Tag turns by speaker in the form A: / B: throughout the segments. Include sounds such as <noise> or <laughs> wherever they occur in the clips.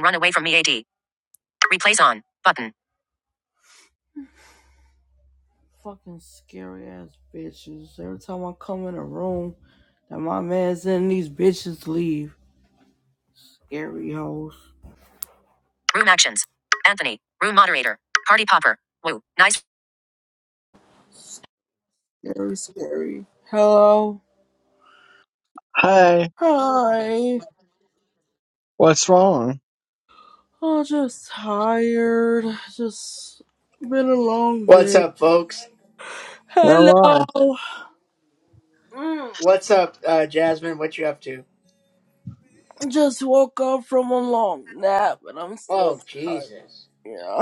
A: Run away from me, AD. Replace on. Button. Fucking scary ass bitches. Every time I come in a room that my man's in, these bitches leave. Scary hoes. Room actions. Anthony. Room moderator. Party popper. Woo. Nice. Very scary. Hello.
B: Hi,
A: Hi.
B: what's wrong?
A: I'm just tired. Just been a long
C: What's
A: day.
C: up, folks?
B: Well, I,
A: Hello. Mm,
C: What's up, uh, Jasmine? What you up to?
A: Just woke up from a long nap and I'm still
C: Oh,
A: tired.
C: Jesus.
A: Yeah.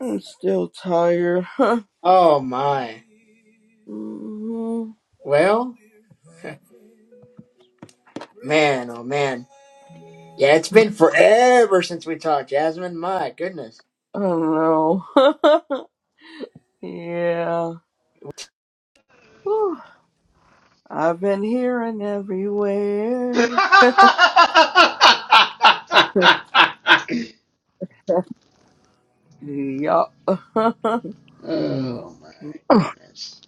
A: I'm still tired. <laughs>
C: Oh, my.
A: Mhm.
C: Well, man, oh, man. Yeah, it's been forever since we talked, Jasmine. My goodness.
A: I don't know. <laughs> yeah. Whew. I've been hearing
C: <laughs>
A: everywhere. Yup. <laughs>
C: oh my goodness.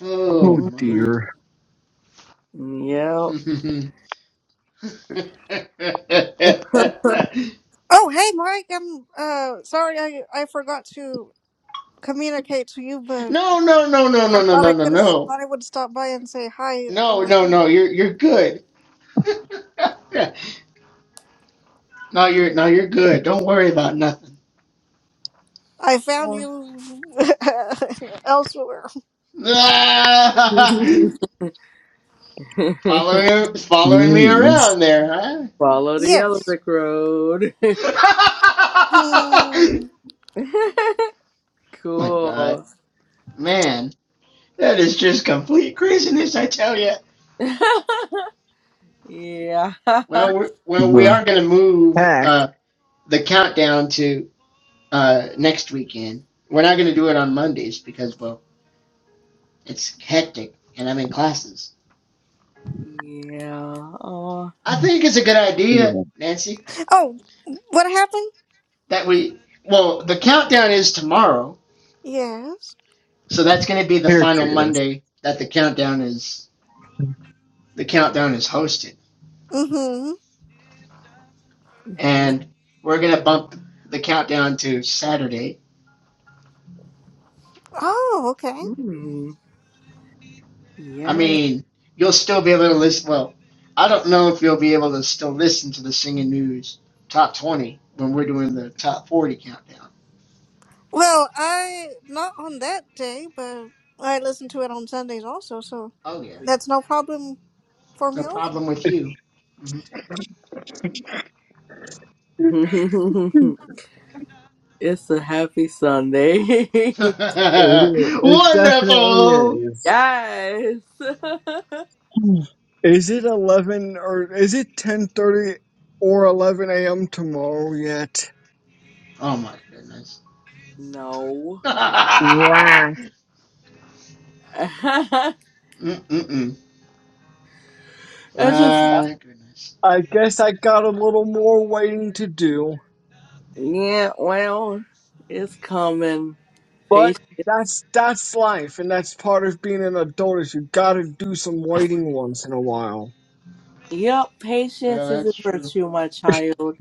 C: Oh
B: oh
C: my.
A: Mm-mm-mm.
B: dear,
C: <laughs>
A: Yep.
D: Oh, hey, Mike. I'm uh sorry I I forgot to communicate to you, but
C: no, no, no, no, no, no,
D: thought
C: no,
D: I
C: no,
D: could have
C: no.
D: thought I would stop by and say hi
C: No,
D: over
C: no,
D: here.
C: no, you're you're good. <laughs> No, you're no, you're good. Don't worry about nothing.
D: I found you <laughs> elsewhere.
C: <laughs>
A: <laughs>
C: following, following me
B: means
C: around there,
A: Follow the
D: Yes.
A: Yellowick Road.
C: huh?
D: Hmm.
A: <laughs>
C: <laughs> My God,
A: cool.
C: man, that is just complete craziness, I tell you.
A: <laughs> yeah.
C: Well,
A: <laughs>
C: we're, well, we
B: the
C: are going to move
B: heck
C: uh, the countdown to uh, next weekend. We're not going to do it on Mondays because, well, it's hectic and I'm in classes.
A: Yeah. Oh.
C: I think it's a good idea,
B: my
C: Nancy,
D: oh, what happened?
C: that we. Well, the countdown is tomorrow
D: Yes.
C: So that's going to be the final
B: pictures.
C: Monday that the countdown is the countdown is hosted,
D: Mm-hmm.
C: and we're going to bump the countdown to Saturday.
D: Oh, okay.
A: Mm.
C: I
A: Yeah.
C: mean, you'll still be able to listen. Well, I don't know if you'll be able to still listen to the singing news top twenty when we're doing the top forty countdown.
D: Well, I not on that day, but I listen to it on Sundays also, so
C: Oh yeah,
D: that's no problem for
C: no
D: me
C: problem with you. Mhm.
B: <laughs>
A: <laughs> It's a happy Sunday.
B: It is.
C: <laughs>
B: It definitely
C: Wonderful.
A: <laughs>
B: is.
A: yes.
B: Is it eleven or is it ten thirty or eleven a.m. tomorrow yet?
C: Oh my goodness.
A: <laughs> no.
C: <laughs>
B: Right.
A: <laughs> it's
C: Mm-mm-mm.
A: just
C: My goodness.
B: I guess I got a little more waiting to do,
A: yeah. Well, it's coming. Patience.
B: but that's that's life, and that's part of being an adult. Is you got to do some waiting once in a while.
A: Yep.
C: Well,
A: Patience is a
C: that's true.
A: virtue, my child.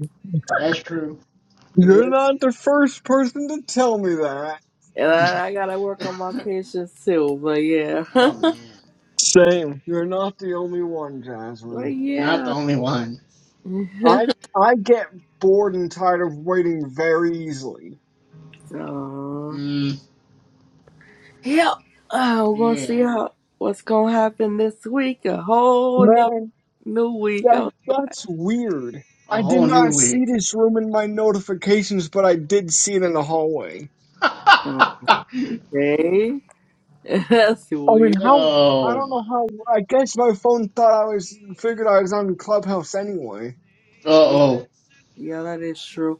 C: That's true.
B: You're
A: Vir-
B: not the first person to tell me that.
A: And
C: <laughs>
A: I, I gotta work on my patience too. But yeah.
C: oh
A: <laughs>
C: man,
B: Same. You're not the only one,
A: but
B: Jasmine.
C: not the
A: yeah.
C: only one.
A: <laughs>
B: I I get bored and tired of waiting very easily.
A: Aw.
C: Mm,
A: Yep. Oh, we're gonna
C: yeah,
A: see how what's gonna happen this week. A whole nother
B: Man,
A: new week.
B: that
A: Oh,
B: that's weird.
C: a
B: I did
C: whole new
B: not see
C: week.
B: this room in my notifications, but I did see it in the hallway.
C: <laughs> oh
A: Okay. <laughs> That's
B: I mean,
A: weird.
B: how? I don't
C: my.
B: know how. I guess my phone thought I was figured I was on Clubhouse anyway.
C: Uh
A: Yeah,
C: oh.
A: yeah, that is true.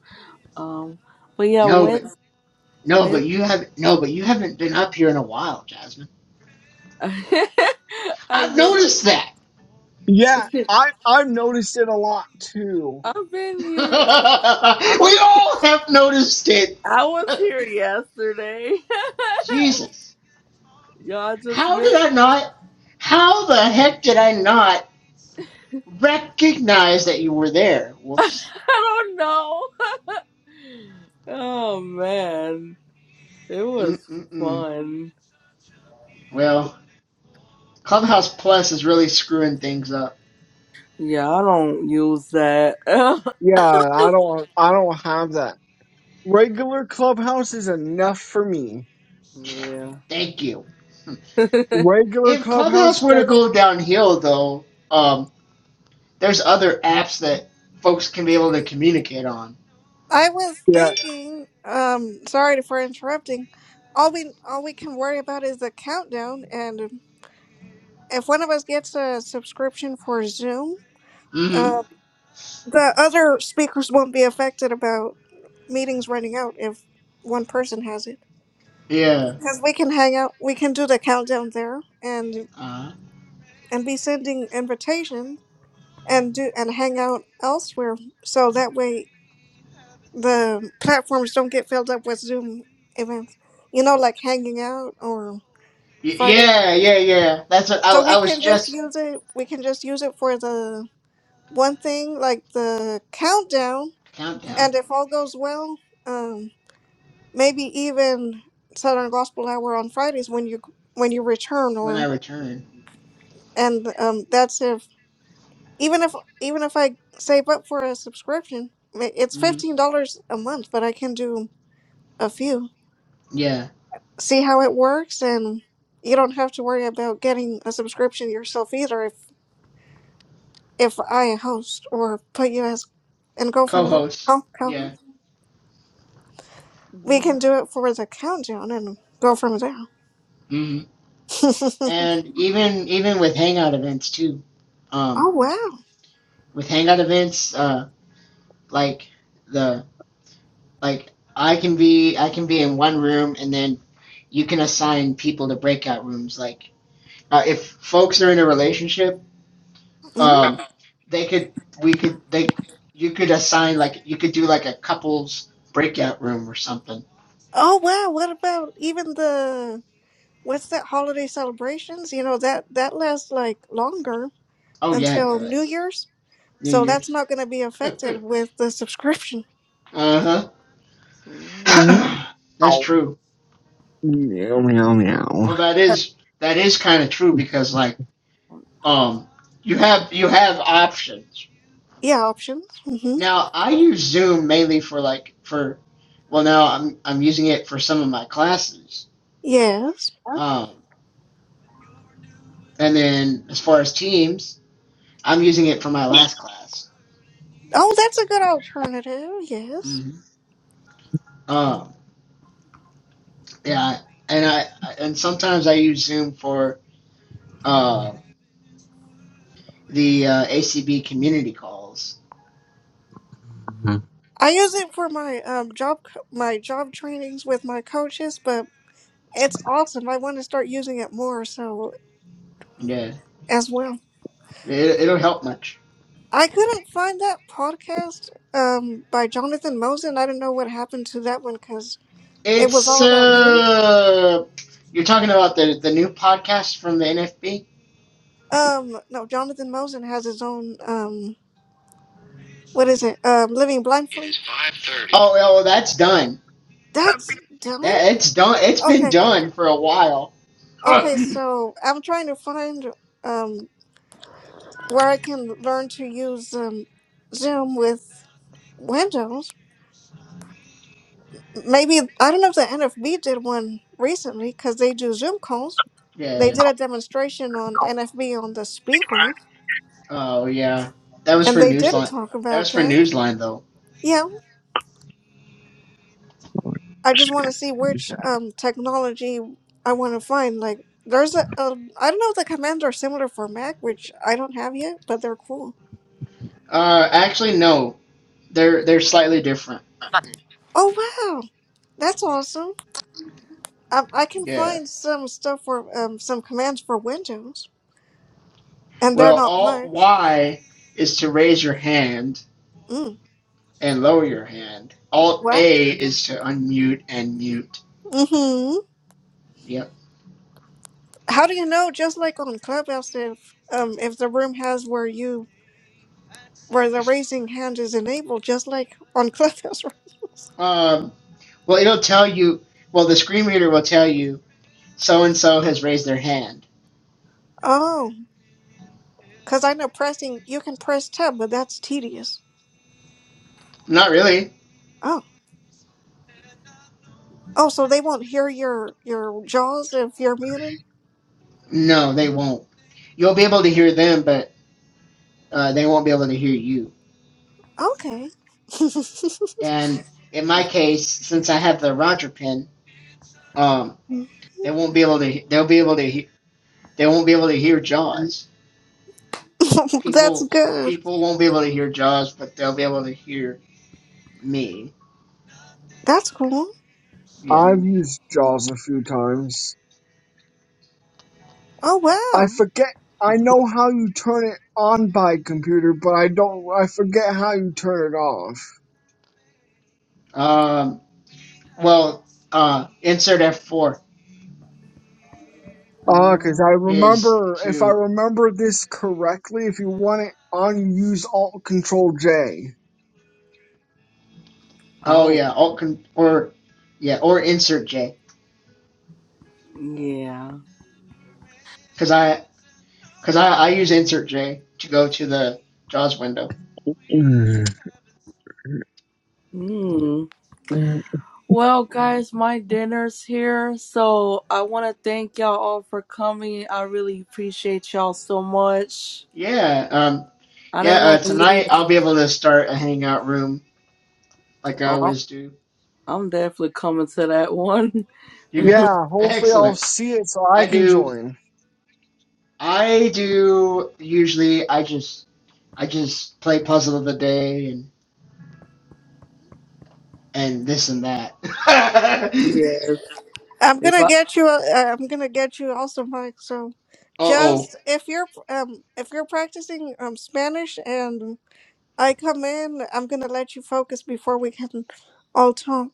A: Um, but yeah,
C: No,
A: when
C: but no,
A: when
C: but you have not no, but you haven't been up here in a while, Jasmine.
A: <laughs> I've
C: I've
A: been
C: noticed that.
B: Yeah,
A: <laughs>
B: I I noticed it a lot too.
A: I've been here. I
C: <laughs> we
A: was
C: all have noticed it.
A: I was
C: <laughs>
A: here yesterday.
C: Jesus,
A: <laughs> Y'all just
C: how did
A: missed.
C: I not? How the heck did I not recognize that you were there?
A: <laughs> I
C: Whoops.
A: don't know. <laughs> oh man, it was
C: Mm-mm-mm.
A: fun.
C: Well, Clubhouse Plus is really screwing things up.
A: Yeah, I don't use that. <laughs>
B: Yeah, I don't I don't have that Regular clubhouse is enough for me.
A: yeah.
C: Thank you.
B: Regular
C: If
B: clubhouse
C: Clubhouse were to
B: gets
C: go downhill, though, um, there's other apps that folks can be able to communicate on.
D: I was
B: yeah.
D: thinking, um, sorry for interrupting. All we all we can worry about is the countdown, and if one of us gets a subscription for Zoom,
C: Mm-hmm.
D: uh, the other speakers won't be affected about meetings running out if one person has it.
C: Yeah.
D: Because we can hang out, we can do the countdown there, and
C: Uh,
D: and be sending invitations and do and hang out elsewhere. So that way the platforms don't get filled up with Zoom events, you know, like hanging out or
C: y-
D: Friday.
C: yeah, yeah, yeah. That's what I,
D: So
C: I
D: we
C: was
D: can just
C: just
D: use it. We can just use it for the one thing, like the countdown.
C: countdown
D: And if all goes well, um, maybe even Southern Gospel Hour on Fridays when you when you return,
C: when I
D: or
C: return.
D: and um, that's if even if even if I save up for a subscription, ma- it's
C: Mm-hmm.
D: fifteen dollars a month, but I can do a few.
C: Yeah.
D: see how it works and you don't have to worry about getting a subscription yourself either if if I host or put you as and go from there.
C: Co-host.
D: Co- co-
C: Yeah.
D: We can
A: <laughs>
D: do it for the countdown and go from there.
C: Mm-hmm.
D: <laughs>
C: And even even with Hangout events too. Um,
D: oh wow.
C: with Hangout events, uh, like the Like I can be I can be in one room and then you can assign people to breakout rooms. Like uh, if folks are in a relationship,
D: Mhm.
C: um, they could we could they you could assign like you could do like a couples breakout room or something.
D: Oh wow, what about even the what's that holiday celebrations? You know that that lasts like longer.
C: Oh yeah, it
D: until New
C: does.
D: Year's.
C: New
D: So that's
C: Year's.
D: not going to be
C: <laughs> uh
D: affected with the subscription. <laughs>
C: huh.
A: Mhm.
B: Mm,
C: <coughs> <clears throat> That's
B: ow.
C: true.
B: Meow meow meow.
C: Well, that is that is kind of true because like um you have you have options
D: Yeah, options. hmm
C: Now I use Zoom mainly for like for well now I'm I'm using it for some of my classes.
D: Yes.
C: Um, and then as far as Teams, I'm using it for my last class.
D: Oh, that's a good alternative. Yes.
C: hmm Um, yeah, and I and sometimes I use Zoom for uh, the uh, ACB community calls.
D: I use it for my um, job co- my job trainings with my coaches, but it's awesome. I want to start using it more so
C: Yeah,
D: as well.
C: it, it'll help much.
D: I couldn't find that podcast um, by Jonathan Mosen. I don't know what happened to that one because it was
C: It's
D: all about Zoom.
C: uh, you're talking about the the new podcast from the NFB.
D: Um, no, Jonathan Mosen has his own um, what is it? Um, Living
C: It
D: Blindly
C: is 5:30. Oh, well, that's done.
D: That's dumb.
C: That it's done. It's been
D: Okay.
C: done for a while. <laughs>
D: Okay, so I'm trying to find um where I can learn to use um Zoom with Windows. Maybe I don't know if the NFB did one recently because they do Zoom calls. They
C: yeah.
D: did a demonstration on NFB on the speaker,
C: Oh yeah. That was
D: and
C: for
D: they did
C: Newsline.
D: talk
C: That
D: about
C: was for
D: that.
C: Newsline though.
D: Yeah, I just want to see which um technology I want to find. Like, there's a, a I don't know if the commands are similar for Mac, which I don't have yet, but they're cool.
C: Uh, actually no, they're they're slightly different.
D: Oh wow, that's awesome! I, I can
C: Yeah.
D: find some stuff for um some commands for Windows, and they're
C: Well,
D: not
C: Alt
D: much.
C: Y is to raise your hand
D: Mm.
C: and lower your hand. Alt
D: What?
C: A is to unmute and mute.
D: Mm-hmm.
C: Yep.
D: How do you know? Just like on Clubhouse, if um if the room has where you where the raising hand is enabled, just like on Clubhouse <laughs> rooms.
C: Um. Well, it'll tell you. Well, the screen reader will tell you so and so has raised their hand.
D: Oh, because I know pressing you can press tab, but that's tedious.
C: Not really.
D: Oh, oh, so they won't hear your your jaws if you're muted.
C: No, they won't. You'll be able to hear them, but uh, they won't be able to hear you.
D: Okay. <laughs>
C: And in my case, since I have the Roger pin, um, they won't be able to. They'll be able to. He- they won't be able to hear Jaws.
D: That's
C: People,
D: good.
C: people won't be able to hear Jaws, but they'll be able to hear me.
D: That's cool.
C: Yeah.
B: I've used Jaws a few times.
D: Oh
B: I
D: wow.
B: forget. I know how you turn it on by computer, but I don't. I forget how you turn it off.
C: Um. Well. Uh. Insert F four
B: Ah, because I
A: Oh,
C: is
B: remember. If I
C: to.
B: remember this correctly, if you want it on, you use Alt Control J.
C: Oh
A: oh,
C: yeah. Alt con- or. Yeah. Or insert J.
A: yeah.
C: Because I because I, I use insert J to go to the JAWS window.
B: Mm.
A: Mm. Well, guys, my dinner's here, so I want to thank y'all all for coming. I really appreciate y'all so much.
C: Yeah, um,
A: I
C: yeah.
A: didn't
C: Uh,
A: want to leave.
C: tonight I'll be able to start a hangout room like I
A: Oh, I'm
C: always do.
A: I'm definitely coming to that one. <laughs>
C: You, can-
B: Yeah.
C: <laughs>
B: Hopefully, I'll
C: excellent.
B: see it so I
C: I
B: can
C: do.
B: join.
C: I do usually. I just, I just play puzzle of the day and and this and that. <laughs> uh
A: Yes.
D: I'm
A: If
D: gonna
A: I,
D: get you. A, uh, I'm gonna get you also, Mike. So,
C: oh.
D: just if you're um if you're practicing um Spanish and I come in, I'm gonna let you focus before we can all talk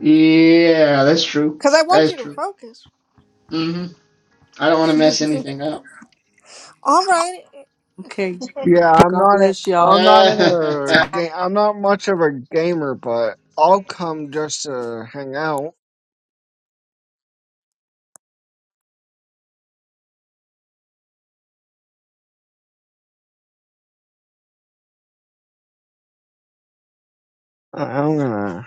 C: Yeah, that's true.
D: because I
C: That
D: want
C: is
D: you to
C: true.
D: focus.
C: hmm I don't want to mess anything up.
D: All right.
A: okay.
B: Yeah, I'm
A: God
B: not. a-
A: bless y'all.
B: I'm not in
C: <laughs>
B: a game. I'm not much of a gamer, but I'll come just to hang out. I- I'm gonna.